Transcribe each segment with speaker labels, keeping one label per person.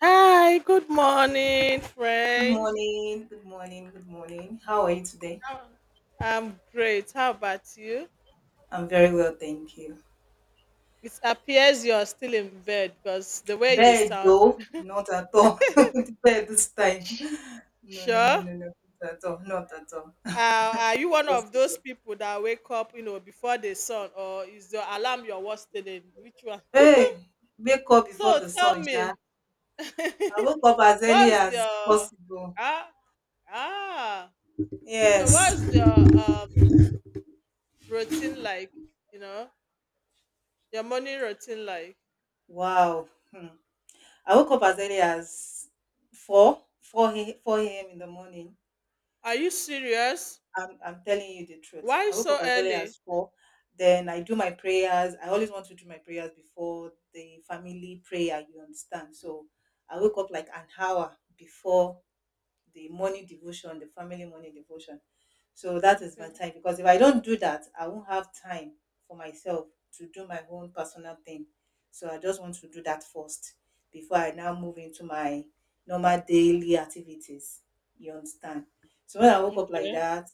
Speaker 1: Hi, good morning,
Speaker 2: Good
Speaker 1: friend.
Speaker 2: morning, good morning, good morning. How are you today?
Speaker 1: How- I'm great. How about you?
Speaker 2: I'm very well, thank you.
Speaker 1: It appears you're still in bed because the way you
Speaker 2: Bad
Speaker 1: sound.
Speaker 2: though, not at all. Bad this time. No, no, no,
Speaker 1: Sure.
Speaker 2: no, no, not at all, not at all.
Speaker 1: Are you one of those
Speaker 2: Possible.
Speaker 1: people that wake up, before the sun, or is your alarm your worst still Which one?
Speaker 2: Hey, wake up before
Speaker 1: So
Speaker 2: the sun,
Speaker 1: tell me,
Speaker 2: sha. I woke up as early
Speaker 1: what's
Speaker 2: as
Speaker 1: your
Speaker 2: possible.
Speaker 1: ah ah? So
Speaker 2: Yes.
Speaker 1: what's your um routine like? You know, your morning routine like?
Speaker 2: Wow. Hmm. I woke up as early as four a.m. in the morning.
Speaker 1: Are you serious?
Speaker 2: I'm telling you the truth.
Speaker 1: Why
Speaker 2: I woke
Speaker 1: so
Speaker 2: up as early
Speaker 1: early?
Speaker 2: as four. Then I do my prayers. I always want to do my prayers before the family prayer, you understand? So I wake up like an hour before the morning devotion, the family morning devotion. So that is my
Speaker 1: Okay.
Speaker 2: time because if I don't do that, I won't have time for myself to do my own personal thing. So I just want to do that first before I now move into my normal daily activities. You understand? So when I woke up like
Speaker 1: Okay.
Speaker 2: that,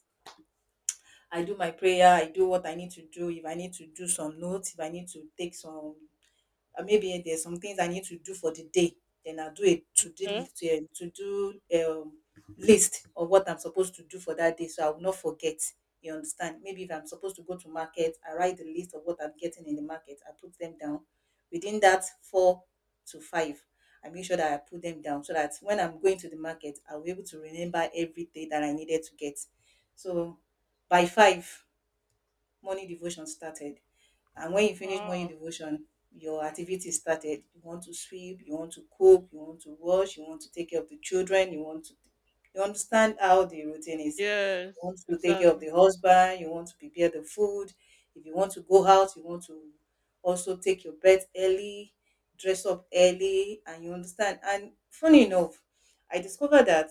Speaker 2: I do my prayer, I do what I need to do. If I need to do some notes, if I need to take some maybe there's some things I need to do for the day. Then I'll do a
Speaker 1: Okay.
Speaker 2: to do um, list of what I'm supposed to do for that day, so I will not forget. You understand? Maybe if I'm supposed to go to market, I write the list of what I'm getting in the market. I put them down. Within that four to five, I make sure that I put them down so that when I'm going to the market, I'll be able to remember everything that I needed to get. So by five, morning devotion started. And when you finish morning
Speaker 1: Wow.
Speaker 2: devotion, your activity started. You want to sweep, you want to cook, you want to wash, you want to take care of the children, you want to, you understand how the routine is. You
Speaker 1: Yes,
Speaker 2: want to take care of
Speaker 1: exactly.
Speaker 2: the husband, you want to prepare the food. If you want to go out, you want to also take your bed early, dress up early, and you understand. And funny enough, I discovered that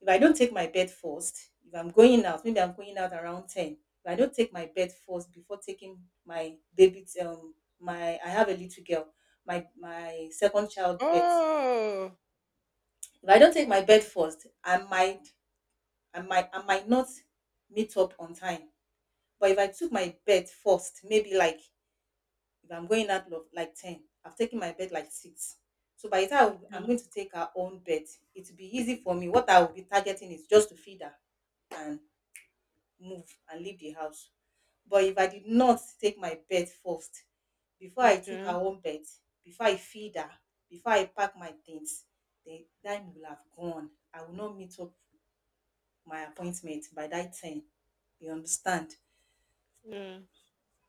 Speaker 2: if I don't take my bed first, if I'm going out, maybe I'm going out around 10. If I don't take my bed first before taking my baby, my, I have a little girl, my second child bed. If
Speaker 1: Oh.
Speaker 2: I don't take my
Speaker 1: Oh.
Speaker 2: bed first, I might not meet up on time. But if I took my bed first, maybe like if I'm going out like 10, I've taken my bed like 6. So by the time I'm
Speaker 1: Okay.
Speaker 2: going to take her own bed, it will be easy for me. What I will be targeting is just to feed her and move and leave the house. But if I did not take my bed first, before I took her
Speaker 1: Okay.
Speaker 2: own bed, before I feed her, before I pack my things, the time will have gone. I will not meet up my appointment by that time. You understand?
Speaker 1: Yeah.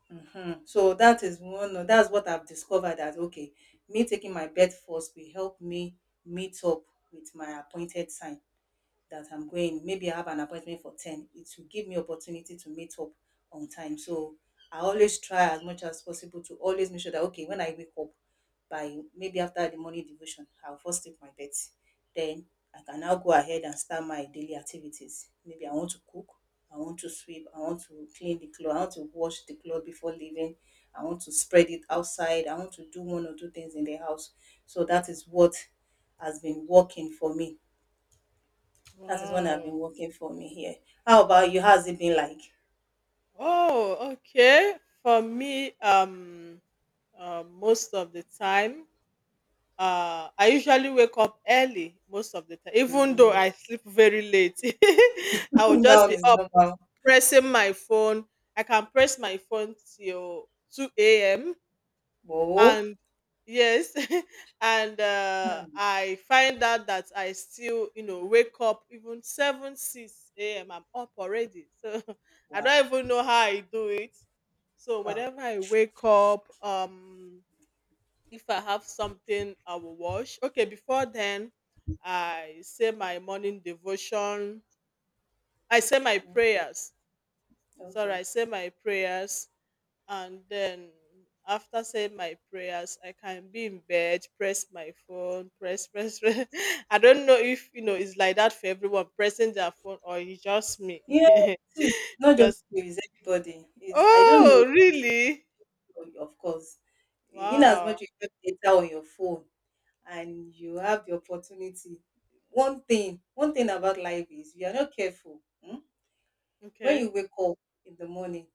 Speaker 2: So that is one. That's what I've discovered. That okay, me taking my bed first will help me meet up with my appointed time that I'm going. Maybe I have an appointment for 10. It will give me opportunity to meet up on time. So I always try as much as possible to always make sure that, okay, when I wake up, by maybe after the morning devotion, I'll first take my bed. Then I can now go ahead and start my daily activities. Maybe I want to cook, I want to sweep, I want to clean the clothes, I want to wash the clothes before leaving, I want to spread it outside, I want to do one or two things in the house. So that is what has been working for me, that is when I've
Speaker 1: Wow.
Speaker 2: been working for me here. How about you? How's it been like?
Speaker 1: Oh, okay. For me, most of the time, I usually wake up early most of the time, even though I sleep very late. I will just
Speaker 2: That one
Speaker 1: be
Speaker 2: is
Speaker 1: up
Speaker 2: normal.
Speaker 1: pressing my phone. I can press my phone till 2 a.m.
Speaker 2: Oh,
Speaker 1: And yes, and
Speaker 2: hmm,
Speaker 1: I find out that I still wake up even 7 6 a.m. I'm up already, so. I don't
Speaker 2: wow.
Speaker 1: even know how I do it. So
Speaker 2: Oh,
Speaker 1: whenever I wake up, if I have something I will wash, okay, before then I say my morning devotion. I say my prayers, sorry,
Speaker 2: okay.
Speaker 1: I say my prayers. And then after saying my prayers, I can be in bed, press my phone, press press, press. I don't know if you know it's like that for everyone pressing their phone, or it's just me.
Speaker 2: Yeah, see, it's not just
Speaker 1: Because
Speaker 2: you, it's everybody. It's, I don't know,
Speaker 1: oh, really?
Speaker 2: of course. In as
Speaker 1: Wow.
Speaker 2: much you have data on your phone and you have the opportunity, one thing about life is you are not careful. When
Speaker 1: Okay.
Speaker 2: you wake up in the morning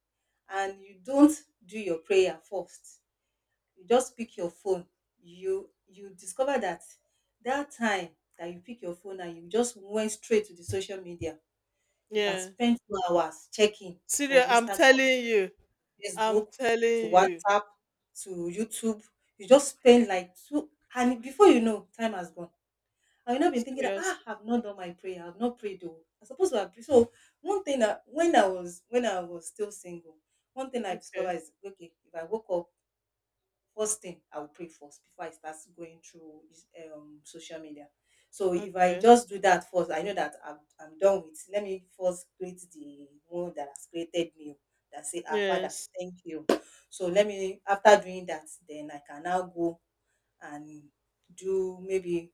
Speaker 2: and you don't do your prayer first, you just pick your phone, you discover that that time that you pick your phone and you just went straight to the social media, you can
Speaker 1: Yeah.
Speaker 2: spend 2 hours checking from
Speaker 1: Serious, I'm
Speaker 2: Instagram,
Speaker 1: telling you. I'm
Speaker 2: Facebook
Speaker 1: telling
Speaker 2: to
Speaker 1: you.
Speaker 2: WhatsApp to YouTube. You just spend like two, and before you know, time has gone, and you know, been thinking that, "Ah,
Speaker 1: Seriously.
Speaker 2: I've not done my prayer, I've not prayed though, I supposed to have prayed." So one thing that when I was still single, one thing I discovered
Speaker 1: Okay.
Speaker 2: is, okay, if I woke up, first thing I will pray first before I start going through social media. So if I
Speaker 1: Okay.
Speaker 2: just do that first, I know that I'm done with. Let me first create the one that has created me, oh, that say, "Ah, Father,
Speaker 1: Yes.
Speaker 2: thank you." So let me, after doing that, then I can now go and do maybe,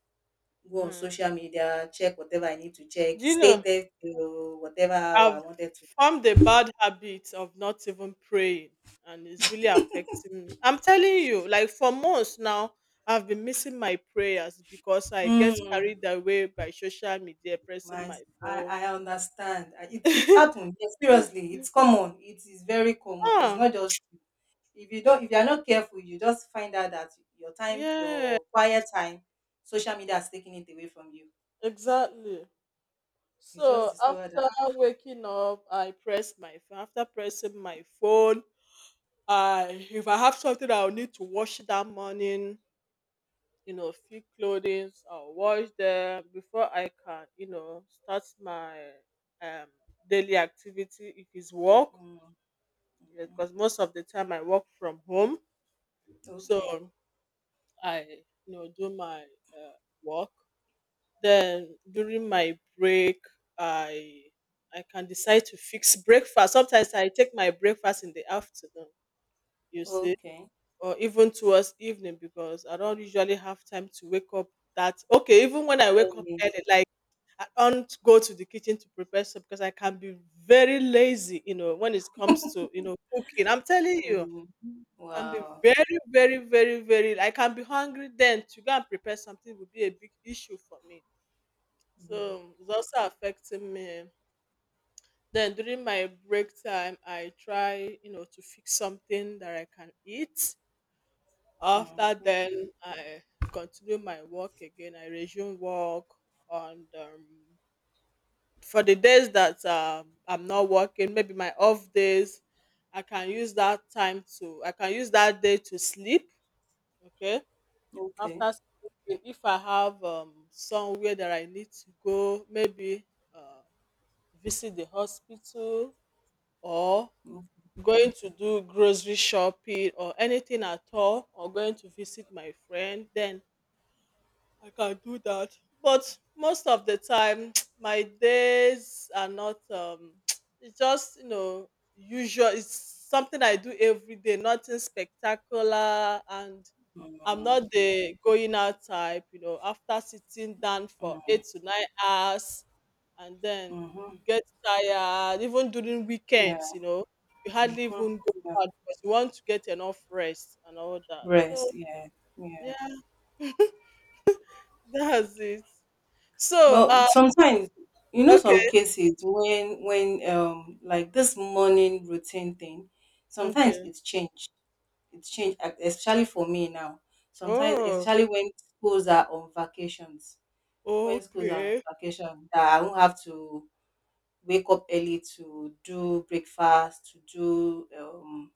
Speaker 2: go on social
Speaker 1: Mm.
Speaker 2: media, check whatever I need to check,
Speaker 1: Do you
Speaker 2: stay
Speaker 1: know
Speaker 2: there till whatever hour
Speaker 1: I've
Speaker 2: I wanted to.
Speaker 1: formed a bad habit of not even praying, and it's really affecting me. I'm telling you, like for months now, I've been missing my prayers because I get
Speaker 2: Hmm.
Speaker 1: carried away by social media, pressing
Speaker 2: My,
Speaker 1: my phone.
Speaker 2: I understand. It happened. Yes, seriously, it's common. It is very common. It's
Speaker 1: Ah,
Speaker 2: not just, if you don't, if you are not careful, you just find out that your time,
Speaker 1: yeah,
Speaker 2: your quiet time, social media has taken it away from you.
Speaker 1: exactly.
Speaker 2: You just
Speaker 1: So
Speaker 2: discover that.
Speaker 1: after waking up, I press my phone. After pressing my phone, I if I have something I'll need to wash that morning, few clothings, or wash them before I can start my um, daily activity. If it's work,
Speaker 2: ah, mm,
Speaker 1: yeah,
Speaker 2: mm,
Speaker 1: because most of the time I work from home, so
Speaker 2: okay,
Speaker 1: I do my work. Then during my break, I I can decide to fix breakfast. Sometimes I take my breakfast in the afternoon. You see,
Speaker 2: okay,
Speaker 1: or even towards evening, because I don't usually have time to wake up. That, okay, even when I wake up
Speaker 2: early.
Speaker 1: early, like I don't go to the kitchen to prepare soup because I can be very lazy, when it comes to cooking. I'm telling you,
Speaker 2: Mm,
Speaker 1: I can be
Speaker 2: wow.
Speaker 1: very, very, very, very. I can be hungry then to go and prepare something would be a big issue for me. So it's also affecting me. Then during my break time, I try, to fix something that I can eat. After
Speaker 2: hmm
Speaker 1: then, I continue my work again. I resume work on. For the days that I'm not working, maybe my off days, I can use that day to sleep. Okay.
Speaker 2: Okay.
Speaker 1: After sleeping, if I have, somewhere that I need to go, maybe uh, visit the hospital, or
Speaker 2: Mm,
Speaker 1: going to do grocery shopping, or anything at all, or going to visit my friend, then I can do that. But most of the time, my days are not. It's just usual. It's something I do every day. Nothing spectacular, and I'm
Speaker 2: mm,
Speaker 1: not the going out type. After sitting down for
Speaker 2: mm,
Speaker 1: 8 to 9 hours, and then
Speaker 2: mhm,
Speaker 1: you get tired. Even during weekends,
Speaker 2: yeah,
Speaker 1: you hardly
Speaker 2: mhm,
Speaker 1: even go
Speaker 2: yeah.
Speaker 1: out because you want to get enough rest and all that. So
Speaker 2: Rest. Yeah.
Speaker 1: yeah.
Speaker 2: Yeah.
Speaker 1: That's it. So,
Speaker 2: But sometimes, you know, some
Speaker 1: okay,
Speaker 2: cases when, like this morning routine thing, sometimes
Speaker 1: okay.
Speaker 2: it's changed. It's changed, especially for me now. Sometimes,
Speaker 1: Oh,
Speaker 2: especially when schools are on vacations, when schools are on
Speaker 1: okay.
Speaker 2: vacation, that I won't have to wake up early to do breakfast, to do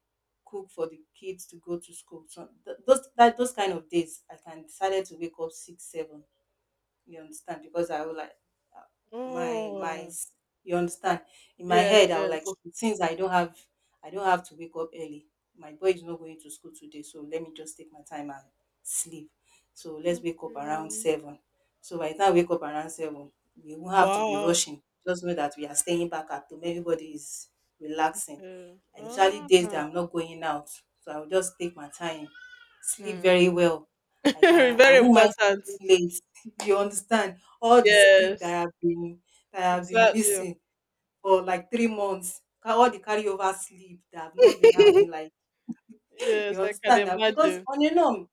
Speaker 2: cook for the kids to go to school. So those kind of days, I can decided to wake up 6, 7, you understand? Because I would like uh, my my
Speaker 1: Oh,
Speaker 2: s- you understand, in my
Speaker 1: yes,
Speaker 2: head I was like,
Speaker 1: yes.
Speaker 2: okay, since I don't have, I don't have to wake up early. My boy is not going to school today, so let me just take my time and sleep. So let's wake up around
Speaker 1: Okay.
Speaker 2: 7. So by the time I wake up around seven, we won't have to be
Speaker 1: Wow.
Speaker 2: rushing. Just know that we are staying back at home. Everybody is relaxing.
Speaker 1: Yeah.
Speaker 2: Especially
Speaker 1: Ah.
Speaker 2: days that I'm not going out. So I'll just take my time, sleep
Speaker 1: Mm.
Speaker 2: very well. I
Speaker 1: Very
Speaker 2: won't mind sleeping
Speaker 1: important.
Speaker 2: late, you understand, all the sleep
Speaker 1: Yes,
Speaker 2: that I have been
Speaker 1: exactly.
Speaker 2: missing for like 3 months, all the carryover sleep that I've not been having like
Speaker 1: Yes,
Speaker 2: you
Speaker 1: I can
Speaker 2: understand now, because
Speaker 1: imagine.
Speaker 2: on a norm,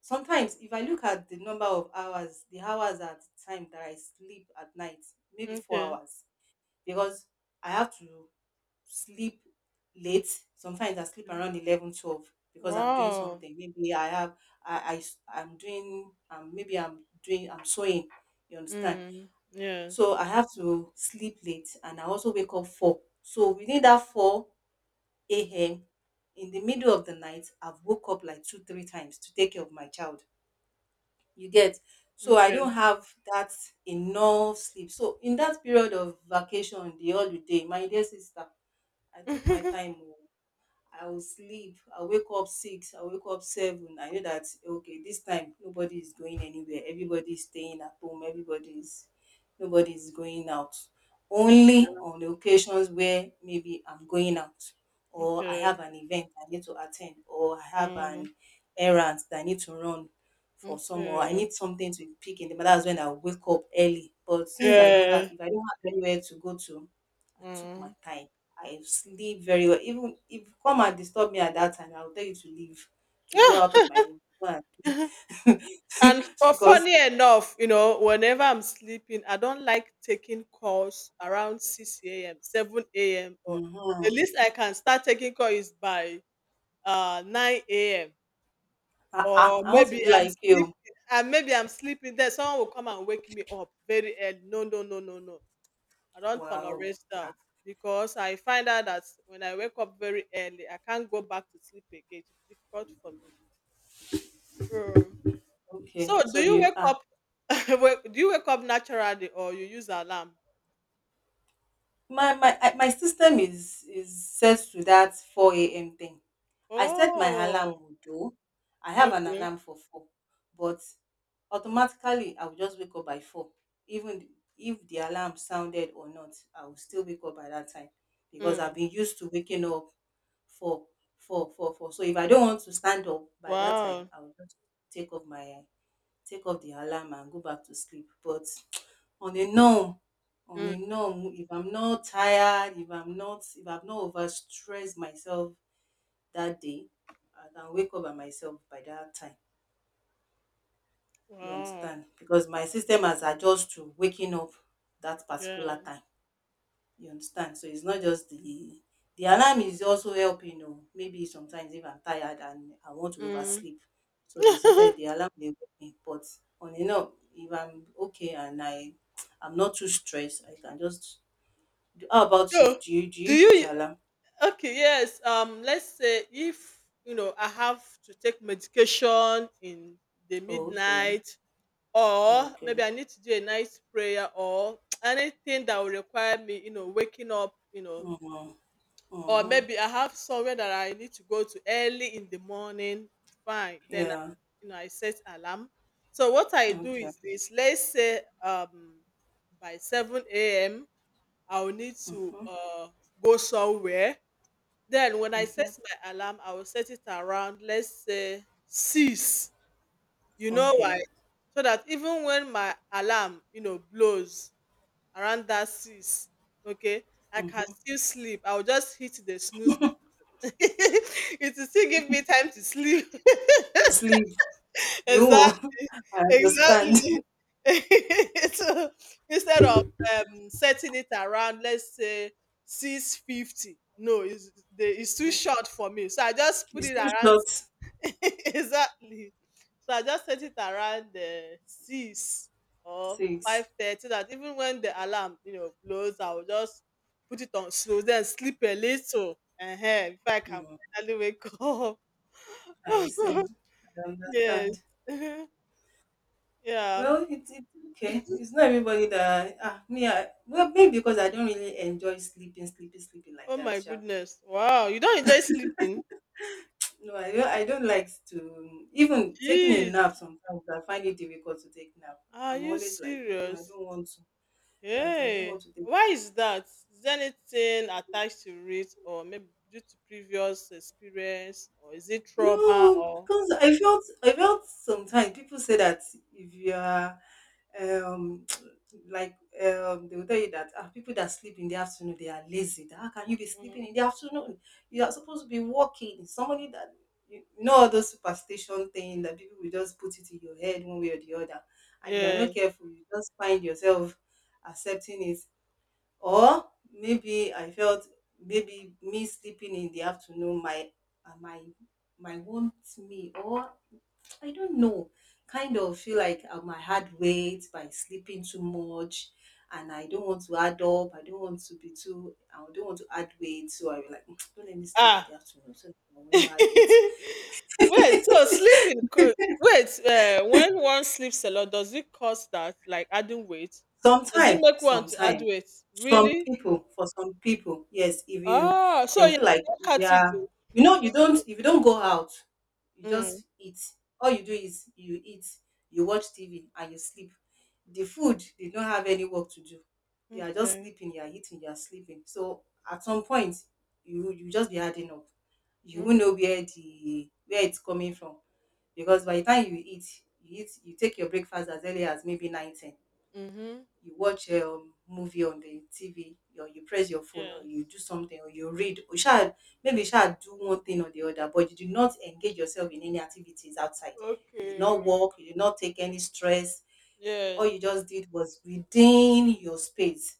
Speaker 2: sometimes if I look at the number of hours, the hours at the time that I sleep at night, maybe four
Speaker 1: Okay.
Speaker 2: hours because I have to sleep late, sometimes I sleep
Speaker 1: Mm.
Speaker 2: around 11, 12, because I'm doing
Speaker 1: Wow.
Speaker 2: something, maybe I have, I, I'm doing I'm sewing, you understand.
Speaker 1: Mm. Yes.
Speaker 2: So I have to sleep late and I also wake up four. So within that four a.m. in the middle of the night, I've woke up like 2, 3 times to take care of my child. You get, so I
Speaker 1: Okay.
Speaker 2: don't have that enough sleep. So in that period of vacation, the holiday, my dear sister, I took my
Speaker 1: Okay.
Speaker 2: time. Oh. I will sleep. I'll wake up 6. I'll wake up 7. I know that okay, this time nobody is going anywhere. Everybody is staying at home. Everybody is Nobody is going out. Only on the occasions where maybe I'm going out or I
Speaker 1: Okay.
Speaker 2: have an event I need to attend or I have
Speaker 1: Mm.
Speaker 2: an errand that I need to run for some, or I
Speaker 1: Okay.
Speaker 2: need something to pick in the morning. That's when I wake up early. But since I don't have,
Speaker 1: Yes.
Speaker 2: if I don't have anywhere to go to, I took my
Speaker 1: Mm.
Speaker 2: time, I sleep very well. Even if you come and disturb me at that time, I will tell you to leave, to go out of my room. Go and
Speaker 1: and for
Speaker 2: because
Speaker 1: funny enough, whenever I'm sleeping, I don't like taking calls around 6 a.m., 7 a.m., or the
Speaker 2: mhm,
Speaker 1: least I can start taking call is by 9 a.m.
Speaker 2: ah,
Speaker 1: Or
Speaker 2: I want to
Speaker 1: maybe
Speaker 2: be
Speaker 1: I'm
Speaker 2: like
Speaker 1: sleeping,
Speaker 2: you.
Speaker 1: and maybe I'm sleeping there. Someone will come and wake me up very early. No, no, no, no, no. I don't
Speaker 2: Wow.
Speaker 1: tolerate that,
Speaker 2: Ah,
Speaker 1: because I find out that when I wake up very early, I can't go back to sleep again. It's difficult for me.
Speaker 2: okay.
Speaker 1: So do
Speaker 2: So
Speaker 1: you
Speaker 2: you,
Speaker 1: wake up wake do you wake up naturally, or you use alarm?
Speaker 2: my my system is set to that 4 a.m. thing. I set my alarm
Speaker 1: Oh,
Speaker 2: though. I have an
Speaker 1: okay.
Speaker 2: alarm for 4, but automatically I will just wake up by 4. Even if the alarm sounded or not, I will still wake up by that time because I've
Speaker 1: Mm.
Speaker 2: been used to waking up for 4 four. So if I don't want to stand up by that time,
Speaker 1: Wow.
Speaker 2: I will just take off my take off the alarm and go back to sleep. But on a norm on
Speaker 1: Mm.
Speaker 2: a norm, if I'm not tired, if I've not overstressed myself that day, I can wake up by myself by that time. You
Speaker 1: Wow.
Speaker 2: understand, because my system has adjusted to waking up that
Speaker 1: Yeah.
Speaker 2: particular time. You understand, so it's not just the alarm is also helping o. Maybe sometimes if I'm tired and I want to
Speaker 1: Mm.
Speaker 2: oversleep, so the system, the alarm dey wake me. But on a norm, if I'm okay and I'm not too stressed, I can just... How about you?
Speaker 1: so
Speaker 2: Do
Speaker 1: do
Speaker 2: you
Speaker 1: you
Speaker 2: use alarm?
Speaker 1: okay, yes. Let's say, if I have to take medication in the
Speaker 2: Oh, okay.
Speaker 1: midnight, or maybe
Speaker 2: Okay.
Speaker 1: I need to do a night prayer, or anything that will require me, waking up,
Speaker 2: Mm-hmm.
Speaker 1: or
Speaker 2: Mm-hmm.
Speaker 1: maybe I have somewhere that I need to go to early in the morning. Fine, then I,
Speaker 2: Yeah.
Speaker 1: you know I set alarm. So what I do
Speaker 2: Okay.
Speaker 1: is this: let's say, by 7 a.m. I'll need to,
Speaker 2: Mm-hmm.
Speaker 1: go somewhere. Then when I set
Speaker 2: Mm-hmm.
Speaker 1: my alarm, I will set it around, let's say, six. You know why?
Speaker 2: Okay.
Speaker 1: So that even when my alarm, blows around that six, okay, I can still sleep. I'll just hit the snooze. It will still give me time to sleep.
Speaker 2: So sleep. You.
Speaker 1: Exactly.
Speaker 2: I understand.
Speaker 1: Exactly. So, instead of, setting it around, let's say, 6:50. No, it's too short for me. So I just put
Speaker 2: It's
Speaker 1: it
Speaker 2: too
Speaker 1: around.
Speaker 2: short.
Speaker 1: Exactly. So I just set it around the six or five
Speaker 2: Six.
Speaker 1: thirty. That even when the alarm, blows, I will just put it on slow, then sleep a little, and hey, if I can
Speaker 2: Mm.
Speaker 1: finally wake up.
Speaker 2: I see. I
Speaker 1: Yes.
Speaker 2: understand.
Speaker 1: Yeah.
Speaker 2: Well, it's okay. It's not everybody that me. I, well, maybe because I don't really enjoy sleeping, sleeping, sleeping like
Speaker 1: Oh
Speaker 2: that.
Speaker 1: my
Speaker 2: Yeah.
Speaker 1: goodness. Wow. You don't enjoy sleeping?
Speaker 2: No, I don't like to even taking a
Speaker 1: Jeez.
Speaker 2: nap sometimes. I find it difficult to take nap.
Speaker 1: Are
Speaker 2: I'm
Speaker 1: you
Speaker 2: always like, no, I
Speaker 1: serious?
Speaker 2: don't want to. That I don't
Speaker 1: Hey,
Speaker 2: want to take
Speaker 1: why is that? Is there anything attached to it, or maybe due to previous experience, or is it trauma,
Speaker 2: No,
Speaker 1: or
Speaker 2: because I felt sometimes people say that if you are um like they will tell you that ah, people that sleep in the afternoon they are lazy. That how can you be
Speaker 1: Mm.
Speaker 2: sleeping in the afternoon? You are supposed to be working. Somebody that you know all those superstition thing that people will just put it in your head one way or the other, and if you are
Speaker 1: Yeah?
Speaker 2: not careful, you just find yourself accepting it. Or maybe I felt maybe me sleeping in the afternoon my my my want me or I don't know kind of feel like I might had weight by sleeping too much. And I don't want to add up, I don't want to add weight, so I be like don't let me sleep in
Speaker 1: Ah,
Speaker 2: the afternoon so that I will
Speaker 1: wait.
Speaker 2: not add weight.
Speaker 1: So sleeping, wait. When one sleeps a lot, does it cause that, like adding weight? Does it
Speaker 2: Sometimes,
Speaker 1: make one to add
Speaker 2: sometimes,
Speaker 1: weight?
Speaker 2: some
Speaker 1: Really?
Speaker 2: people, for some people, yes, if you,
Speaker 1: Oh,
Speaker 2: they
Speaker 1: so
Speaker 2: will
Speaker 1: yeah,
Speaker 2: feel like
Speaker 1: that
Speaker 2: they are,
Speaker 1: category.
Speaker 2: you know, you don't, if you don't go out, you
Speaker 1: Mm.
Speaker 2: just eat. All you do is you eat, you watch TV, and you sleep. The food did not have any work to do. You are just
Speaker 1: Okay.
Speaker 2: sleeping, you are eating, you are sleeping. So at some point, you just be adding up. You
Speaker 1: Okay.
Speaker 2: will know where the where it's coming from, because by the time you eat, you take your breakfast as early as maybe 9, 10.
Speaker 1: Mm-hmm.
Speaker 2: You watch a movie on the TV, or you press your phone, or
Speaker 1: Yes.
Speaker 2: you do something, or you read, or you shall maybe you sha do one thing or the other, but you did not engage yourself in any activities outside. You did not
Speaker 1: Okay.
Speaker 2: work, you did not take any stress. All you
Speaker 1: Yes.
Speaker 2: just did was within your space.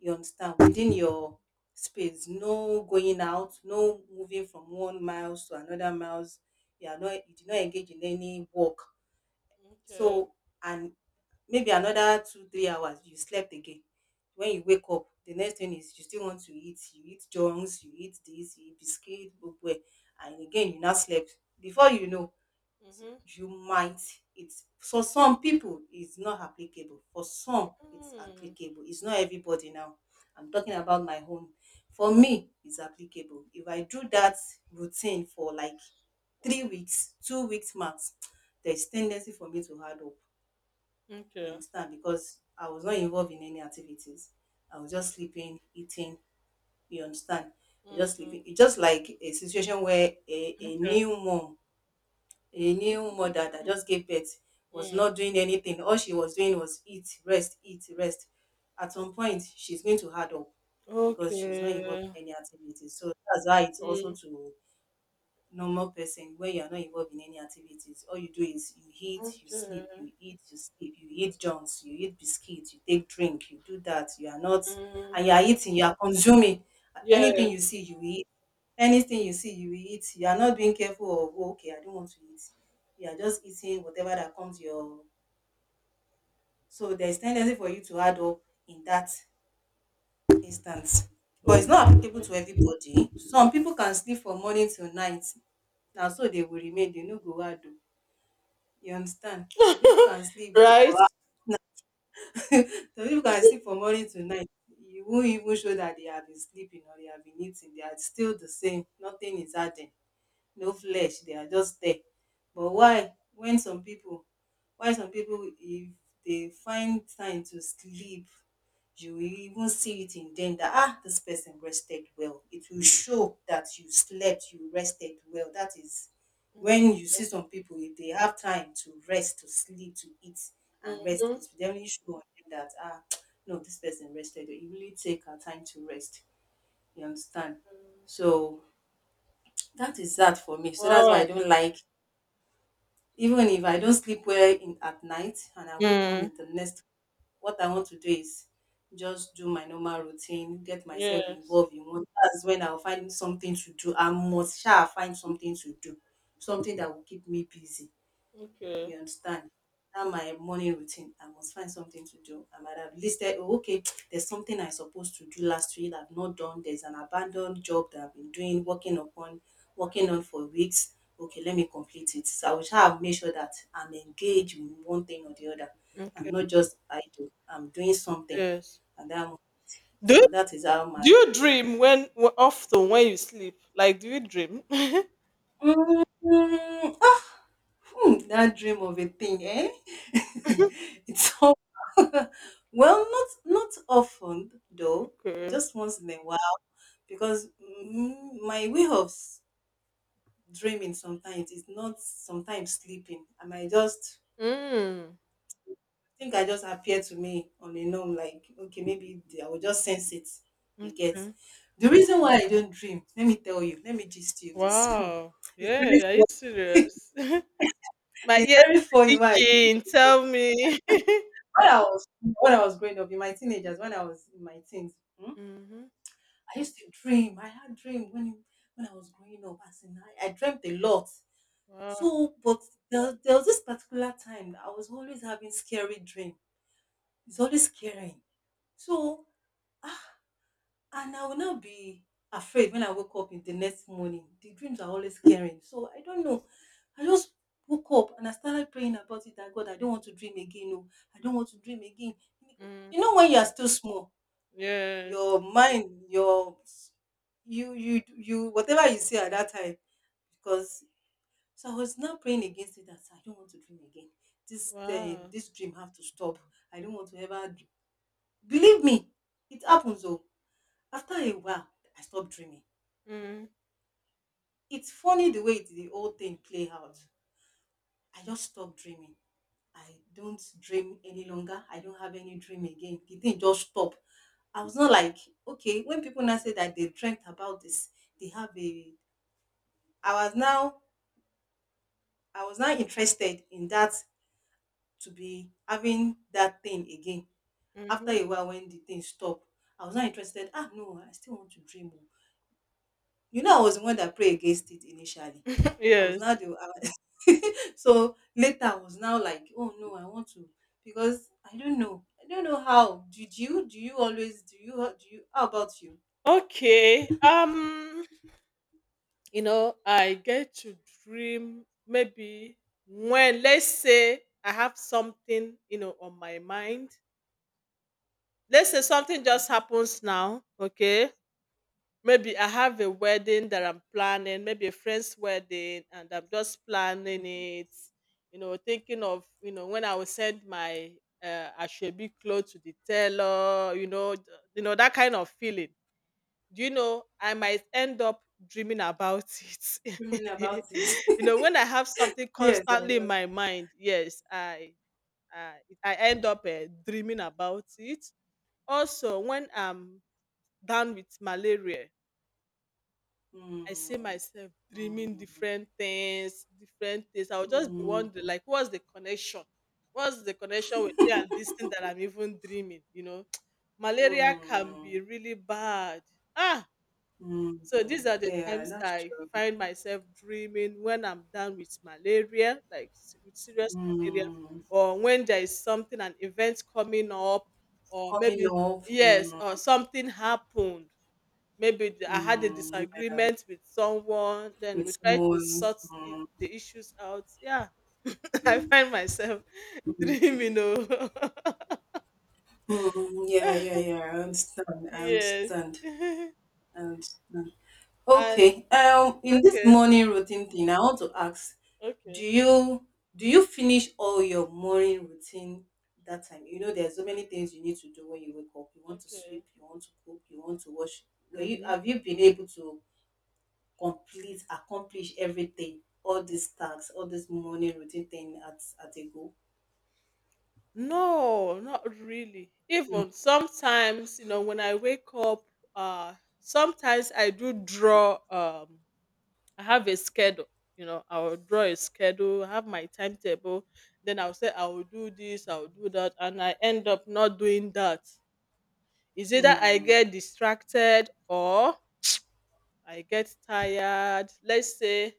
Speaker 2: You understand? Within your space. No going out, no moving from 1 miles to another miles. You did not engage in any work.
Speaker 1: Okay.
Speaker 2: So and maybe another 2, 3 hours you slept again. When you wake up, the next thing is you still want to eat, you eat junks, you eat this, you eat biscuit gbogbo, and again you now slept. Before you know,
Speaker 1: Mhm.
Speaker 2: you might... it's for some people, it's not applicable, for some it's
Speaker 1: Mm.
Speaker 2: applicable, it's not everybody. Now I'm talking about my own. For me it's applicable. If I do that routine for like 3 weeks, 2 weeks max, there's tendency for me to hard up. You
Speaker 1: Okay.
Speaker 2: understand? Because I was not involved in any activities. I was just sleeping, eating. You understand? I was just
Speaker 1: Mm,
Speaker 2: sleeping. It's just like a situation where a
Speaker 1: okay.
Speaker 2: new mom, a new mother that just gave birth, was
Speaker 1: Mm.
Speaker 2: not doing anything. All she was doing was eat, rest, eat, rest. At some point, she's going to hard up because she's not involved
Speaker 1: Okay.
Speaker 2: in any activities. So that's why it's also
Speaker 1: Mm,
Speaker 2: to normal person where you're not involved in any activities. All you do is you eat, you
Speaker 1: okay.
Speaker 2: sleep, you eat, you sleep, you eat junks, you eat biscuits, you take drink, you do that. You are not,
Speaker 1: Mm.
Speaker 2: and you are eating, you are consuming.
Speaker 1: Yes.
Speaker 2: Anything you see, you eat. Anything you see, you eat. You are not being careful of, "Oh, okay, I don't want to eat." You are just eating whatever that comes your. So there's tendency for you to add up in that instance. But
Speaker 1: Oh,
Speaker 2: it's not applicable to everybody. Some people can sleep from morning till night. Now, so they will remain, they no go add up. You understand? Some people can sleep for...
Speaker 1: right?
Speaker 2: some people can sleep from morning to night. You won't even show that they have been sleeping or they have been eating. They are still the same. Nothing is adding, no flesh, they are just there. But why when some people, if they find time to sleep, you will even see it in them that ah this person rested well. It will show that you slept, you rested well. That is when you see some people, if they have time to rest, to sleep, to eat and rest, it
Speaker 1: Mm-hmm.
Speaker 2: will definitely show on them that ah no, this person rested well. You really take her time to rest, you understand. So that is that for me. So that's why
Speaker 1: Wow.
Speaker 2: I don't like, even if I don't sleep well in at night and I wake up
Speaker 1: Mm.
Speaker 2: in the next, what I want to do is just do my normal routine, get myself
Speaker 1: Yes.
Speaker 2: involved in one. That's when I'll find something to do. I must shall find something to do, something that will keep me busy.
Speaker 1: Okay.
Speaker 2: You understand? That my morning routine, I must find something to do. I might have listed, oh, okay, there's something I'm supposed to do last week that I've not done. There's an abandoned job that I've been doing, working on for weeks. Okay, let me complete it. So I will try and make sure that I'm engaged in one thing or the other.
Speaker 1: Okay.
Speaker 2: I'm not just idle. I'm doing something.
Speaker 1: Yes.
Speaker 2: And that,
Speaker 1: Do you,
Speaker 2: so that is how my...
Speaker 1: do you dream when often when you sleep? Like, do you dream?
Speaker 2: Mm, that dream of a thing, eh? it's so... well, not often though.
Speaker 1: Okay.
Speaker 2: Just once in a while, because mm, my way of dreaming sometimes is not sometimes sleeping. I might just...
Speaker 1: Mm.
Speaker 2: I just appear to me on a norm like okay maybe I will just sense it. You get
Speaker 1: Okay.
Speaker 2: the reason why I don't dream. Let me tell you. Let me gist you this.
Speaker 1: Wow.
Speaker 2: it's
Speaker 1: Yeah.
Speaker 2: very
Speaker 1: Are you serious? My
Speaker 2: it's
Speaker 1: ears
Speaker 2: very
Speaker 1: are
Speaker 2: funny. Why
Speaker 1: itching. Tell me.
Speaker 2: when I was growing up in my teenagers, when I was in my teens. Hmm,
Speaker 1: Mm-hmm.
Speaker 2: I used to dream. I had dream when I was growing up. As in, I dreamt a lot.
Speaker 1: Wow.
Speaker 2: So, but there was this particular time I was always having scary dream. It's always scaring. So, ah, and I will not be afraid when I wake up in the next morning. The dreams are always scaring. So I don't know, I just woke up and I started praying about it. That God, I don't want to dream again. No, I don't want to dream again.
Speaker 1: Mm.
Speaker 2: You know when you are still small,
Speaker 1: Yes.
Speaker 2: your mind, you you you whatever you see at that time because... So I was now praying against it, that I don't want to dream again. This
Speaker 1: Wow.
Speaker 2: this dream have to stop. I don't want to ever believe me. It happens though. After a while, I stopped dreaming.
Speaker 1: Mm.
Speaker 2: It's funny the way it, the whole thing play out. I just stopped dreaming. I don't dream any longer. I don't have any dream again. The thing just stop. I was not like okay when people now say that they dreamt about this, they have a... I was now I was now interested in that, to be having that thing again. After
Speaker 1: Mm-hmm.
Speaker 2: a while when the thing stopped, I was not interested. Ah no, I still want to dream. Oh." You know, I was the one that prayed against it initially. I was
Speaker 1: Yes.
Speaker 2: now the I was- so later I was now like, oh no, I want to, because I don't know. I don't know how. Did you do you how about you?
Speaker 1: Okay. I get to dream, maybe when, let's say, I have something, on my mind. Let's say something just
Speaker 2: Mm-hmm,
Speaker 1: happens now, okay? Maybe I have a wedding that I'm planning, maybe a friend's wedding, and I'm just planning
Speaker 2: mm-hmm.
Speaker 1: it, thinking of, when I will send my, Ashebi clothes to the tailor, that kind of feeling. Do you know, I might end up dreaming about
Speaker 2: Dreaming
Speaker 1: it.
Speaker 2: about it.
Speaker 1: When I have something
Speaker 2: yes, I
Speaker 1: constantly in
Speaker 2: know.
Speaker 1: my mind, yes, I, I end up, dreaming about it. Also, when I'm down with malaria,
Speaker 2: Mm,
Speaker 1: I see myself dreaming
Speaker 2: mm,
Speaker 1: different things, different things. I'll just be wondering,
Speaker 2: mm.
Speaker 1: like, what's the connection? What's the connection with me and this thing that I'm even dreaming? Malaria can be
Speaker 2: Mm,
Speaker 1: really bad. Ah, so these
Speaker 2: mhm.
Speaker 1: are the
Speaker 2: Yeah,
Speaker 1: times
Speaker 2: that's
Speaker 1: I
Speaker 2: true.
Speaker 1: find myself dreaming when I'm done with malaria, like with serious malaria,
Speaker 2: Mm.
Speaker 1: or when there is something, an event coming up, or
Speaker 2: Coming
Speaker 1: maybe
Speaker 2: up,
Speaker 1: yes,
Speaker 2: mm,
Speaker 1: or something happened. Maybe I had a
Speaker 2: mm, yeah,
Speaker 1: disagreement with someone, then
Speaker 2: with
Speaker 1: we try to
Speaker 2: someone.
Speaker 1: sort
Speaker 2: Mm,
Speaker 1: the issues out. Yeah, I find myself dreaming. Oh,
Speaker 2: mm, yeah, yeah, yeah. I understand. I
Speaker 1: yes.
Speaker 2: understand. I understand.
Speaker 1: And
Speaker 2: Okay. In this
Speaker 1: okay,
Speaker 2: morning routine thing, I want to ask,
Speaker 1: okay,
Speaker 2: do you do you finish all your morning routine that time? You know, there's so many things you need to do when you wake up. You want to
Speaker 1: okay.
Speaker 2: sweep, you want to cook, you want to wash. Were you
Speaker 1: Mhm.
Speaker 2: have you been able to complete, accomplish everything, all these tasks, all this morning routine thing at a go.
Speaker 1: No, not really. Even sometimes, when I wake up, uh, sometimes I do draw. I have a schedule. I will draw a schedule, I have my timetable, then I'll say I will do this, I'll do that, and I end up not doing that. Is It's either I
Speaker 2: Hmm.
Speaker 1: get distracted, or I get tired. Let's say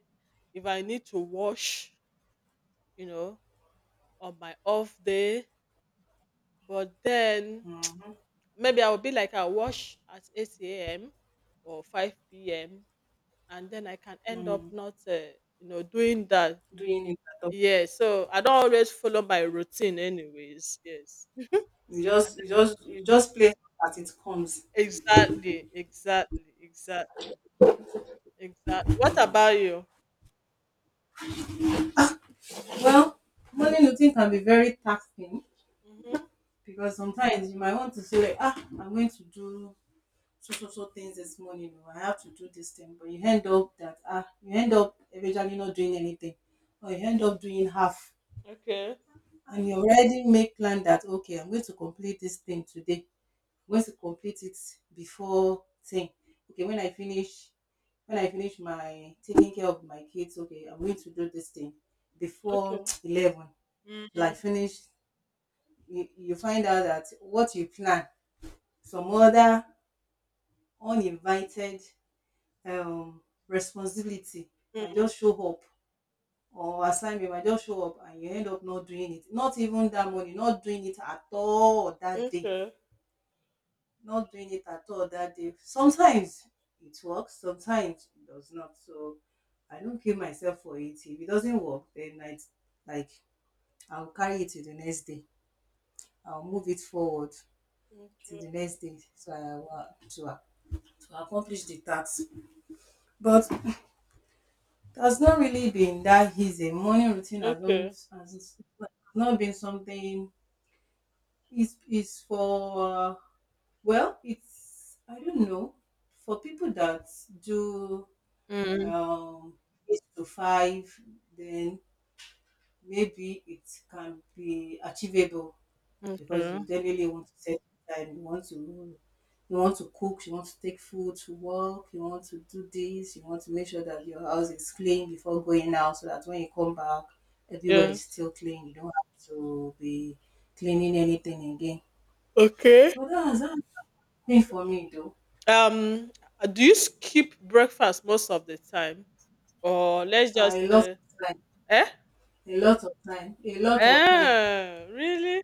Speaker 1: if I need to wash, you know, on my off day, but then maybe I will be like I wash at 8 a.m. or 5 p.m., and then I can end up not, doing that.
Speaker 2: Doing it at all.
Speaker 1: Yes, so I don't always follow my routine anyways. Yes.
Speaker 2: You
Speaker 1: I do.
Speaker 2: just you just you just play as it comes.
Speaker 1: Exactly, exactly, exactly, exactly. What about you?
Speaker 2: Well, morning routine can be very taxing
Speaker 1: Mm-hmm.
Speaker 2: because sometimes you might want to say like, ah, I'm going to do so so so things this morning, or I have to do this thing, but you end up that you end up eventually not doing anything, or you end up doing half.
Speaker 1: Okay,
Speaker 2: And you already make plan that okay, I'm going to complete this thing today. Once you complete it before 10, okay, when I finish my taking care of my kids, okay, I'm going to do this thing before
Speaker 1: okay.
Speaker 2: 11,
Speaker 1: Mm-hmm.
Speaker 2: like finish. You find out that what you plan, some other uninvited um responsibility might
Speaker 1: Mm-hmm.
Speaker 2: just show up, or assignment might just show up, and you end up not doing it, not even that morning, not doing it at all that day
Speaker 1: Okay,
Speaker 2: not doing it at all that day. Sometimes it works, sometimes it does not. So I don't kill myself for it. If it doesn't work, then I like I'll carry it to the next day. I'll move it forward to
Speaker 1: okay,
Speaker 2: the next day. So I will to accomplish the task. But it has not really been that easy. Morning routine has
Speaker 1: okay.
Speaker 2: not has not been something. It's for well, it's, I don't know, for people that do
Speaker 1: Mm-hmm.
Speaker 2: um, 8 to 5, then maybe it can be achievable, because
Speaker 1: Okay,
Speaker 2: you definitely want to set time. You want to cook. You want to take food to work. You want to do this. You want to make sure that your house is clean before going out, so that when you come back, everywhere is
Speaker 1: yes.
Speaker 2: still clean. You don't have to be cleaning anything again.
Speaker 1: Okay.
Speaker 2: But that's that thing for me though.
Speaker 1: Um, do you skip breakfast most of the time? Or let's just,
Speaker 2: I lost time,
Speaker 1: eh?
Speaker 2: a lot of time, a lot of time.
Speaker 1: Eh, really?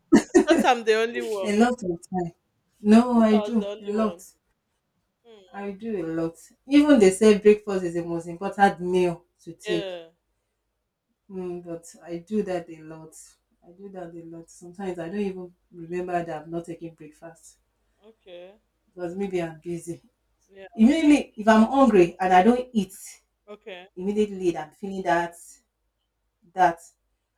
Speaker 1: I thought I'm the only
Speaker 2: A
Speaker 1: one.
Speaker 2: lot of time. No,
Speaker 1: I thought I
Speaker 2: I
Speaker 1: was the
Speaker 2: do a
Speaker 1: only
Speaker 2: lot.
Speaker 1: one. Hmm.
Speaker 2: I do a lot. Even they say breakfast is the most important meal to take.
Speaker 1: Yeah.
Speaker 2: Mm, but I do that a lot. I do that a lot. Sometimes I don't even remember that I'm not taking breakfast
Speaker 1: Okay.
Speaker 2: because maybe I'm busy.
Speaker 1: Yeah.
Speaker 2: Immediately, if I'm hungry and I don't eat
Speaker 1: Okay.
Speaker 2: immediately, I'm feeling that that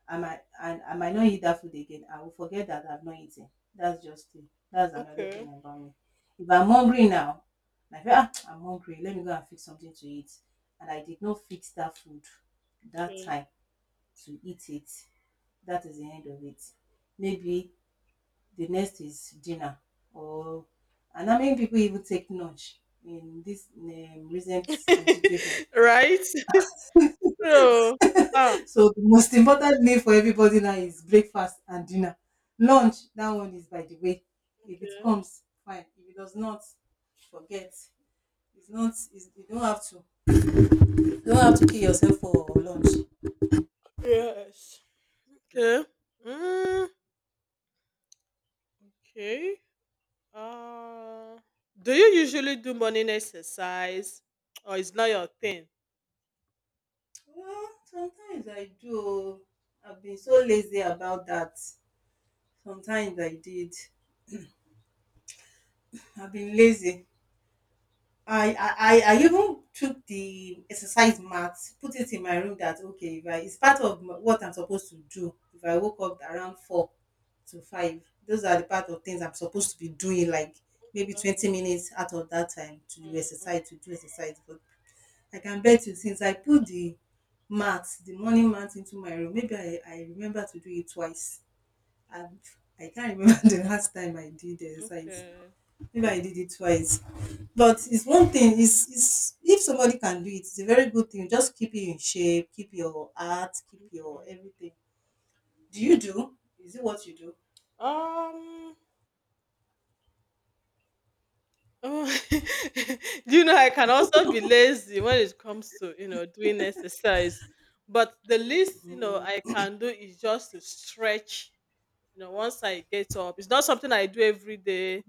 Speaker 2: I might, and I might not eat that food again. I will forget that I've not eaten. That's just it. That's another thing
Speaker 1: Okay.
Speaker 2: about me. If I'm hungry now, like ah, I'm hungry, let me go and fix something to eat. And I did not fix that food that
Speaker 1: Okay.
Speaker 2: time to eat it. That is the end of it. Maybe the next is dinner, or, and how many people even take lunch in this recent situation.
Speaker 1: Right? So, ah,
Speaker 2: So the most important meal for everybody now is breakfast and dinner. Lunch, that one is by the way. If it
Speaker 1: okay.
Speaker 2: comes, fine. If it does not, forget. It's not. It's, you don't have to. You don't have to kill yourself for lunch.
Speaker 1: Yes. Okay. Mm, okay. Uh, do you usually do morning exercise, or it's not your thing?
Speaker 2: Well, sometimes I do. I've been so lazy about that. Sometimes I did. I've been lazy. I even took the exercise mat, put it in my room that okay, if I it's part of what I'm supposed to do. If I woke up around 4 to 5, those are the part of things I'm supposed to be doing, like maybe 20 minutes out of that time to do
Speaker 1: Um,
Speaker 2: exercise, to do exercise. But I can bet you, since I put the mat, the morning mat into my room, maybe I remember to do it twice. And I can't remember the last time I did the exercise.
Speaker 1: okay.
Speaker 2: Maybe I did it twice. But it's one thing, is if somebody can do it, it's a very good thing. Just keep you in shape, keep your art, keep your everything. Do you do? Is it what you do?
Speaker 1: Um. Oh, do you know I can also be lazy when it comes to, doing exercise, but the least, I can do is just to stretch. Once I get up, it's not something I do every day.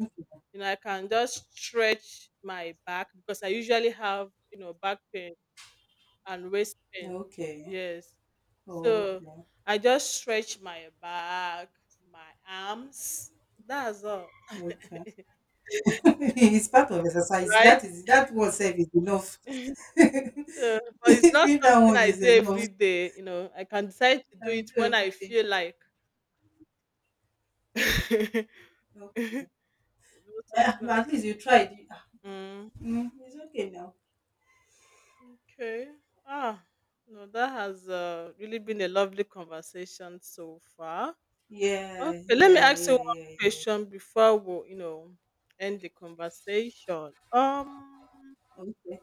Speaker 1: I can just stretch my back, because I usually have, back pain and waist pain.
Speaker 2: Okay.
Speaker 1: Yes,
Speaker 2: Oh,
Speaker 1: so
Speaker 2: okay.
Speaker 1: I just stretch my back, my arms. That's all,
Speaker 2: Okay. It's part of exercise.
Speaker 1: right?
Speaker 2: That is, that one self is enough.
Speaker 1: So, but it's not
Speaker 2: Doing that
Speaker 1: something
Speaker 2: one
Speaker 1: I
Speaker 2: is
Speaker 1: do
Speaker 2: enough.
Speaker 1: every day. I can decide to do
Speaker 2: And you
Speaker 1: it
Speaker 2: do
Speaker 1: when I
Speaker 2: everything.
Speaker 1: feel like. It's
Speaker 2: Okay.
Speaker 1: not
Speaker 2: Ah,
Speaker 1: something I
Speaker 2: but at
Speaker 1: do.
Speaker 2: least you tried.
Speaker 1: Mm,
Speaker 2: It's okay now.
Speaker 1: okay. Ah, no, that has, really been a lovely conversation so far.
Speaker 2: Yeah,
Speaker 1: Okay, let me
Speaker 2: yeah,
Speaker 1: ask you
Speaker 2: yeah,
Speaker 1: one
Speaker 2: yeah, yeah.
Speaker 1: question before we, end the conversation.
Speaker 2: Okay.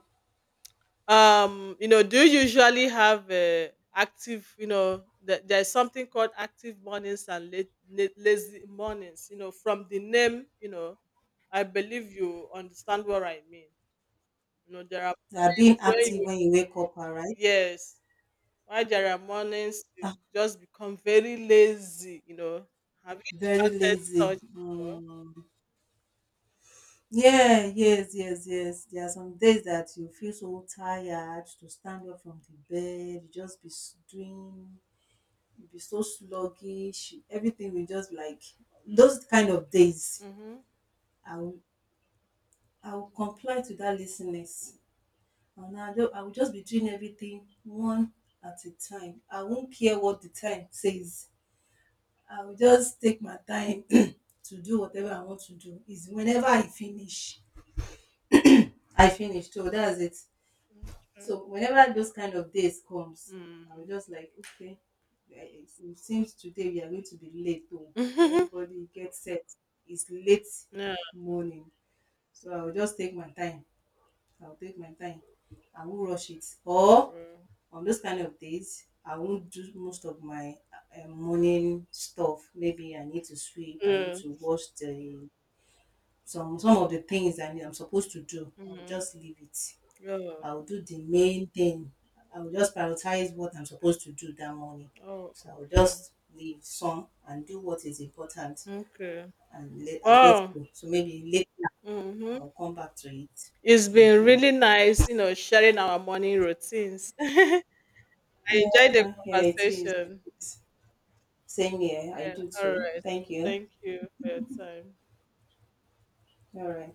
Speaker 1: Do you usually have, active, there's something called active mornings and late, late lazy mornings, from the name, I believe you understand what I mean. There are
Speaker 2: They are
Speaker 1: days
Speaker 2: being
Speaker 1: where
Speaker 2: active
Speaker 1: you
Speaker 2: when you wake up, all right?
Speaker 1: yes. Why there are mornings you just become very lazy, have you
Speaker 2: Very
Speaker 1: said
Speaker 2: lazy.
Speaker 1: such before?
Speaker 2: Mm. Yeah, yes, yes, yes. There are some days that you feel so tired to stand up from the bed, you just be doing, you be so sluggish, everything will just like those kind of days.
Speaker 1: Mm-hmm.
Speaker 2: I will, I will comply to that laziness. And I will just be doing everything one at a time. I won't care what the time says. I will just take my time to do whatever I want to do. Is whenever I finish. I finished. So that's it. So whenever those kind of days comes, I
Speaker 1: Mm-hmm.
Speaker 2: will just like, okay, eh, it seems today we are going to be late home. So everybody gets set. It's late
Speaker 1: Yeah.
Speaker 2: morning. So I will just take my time. I'll take my time. I won't rush it. Or
Speaker 1: Bro.
Speaker 2: on those kind of days, I won't do most of my morning stuff. Maybe I need to sweep. I need
Speaker 1: Yeah.
Speaker 2: to wash the some of the things that I'm supposed to do. I'll
Speaker 1: Mm-hmm.
Speaker 2: just leave it.
Speaker 1: Yeah.
Speaker 2: I will do the main thing. I will just prioritize what I'm supposed to do that morning.
Speaker 1: Oh.
Speaker 2: So I will
Speaker 1: Okay.
Speaker 2: just leave some and do what is important,
Speaker 1: Okay.
Speaker 2: and let
Speaker 1: Wow.
Speaker 2: go. So maybe later
Speaker 1: Mhm.
Speaker 2: I'll come back to it.
Speaker 1: It's
Speaker 2: Hmm.
Speaker 1: been really nice, sharing our morning routines. I enjoyed the
Speaker 2: Yeah, yeah, it is.
Speaker 1: conversation.
Speaker 2: Same here. I
Speaker 1: Yeah.
Speaker 2: do
Speaker 1: All
Speaker 2: too.
Speaker 1: right.
Speaker 2: Thank you.
Speaker 1: Thank you for your time.
Speaker 2: All right.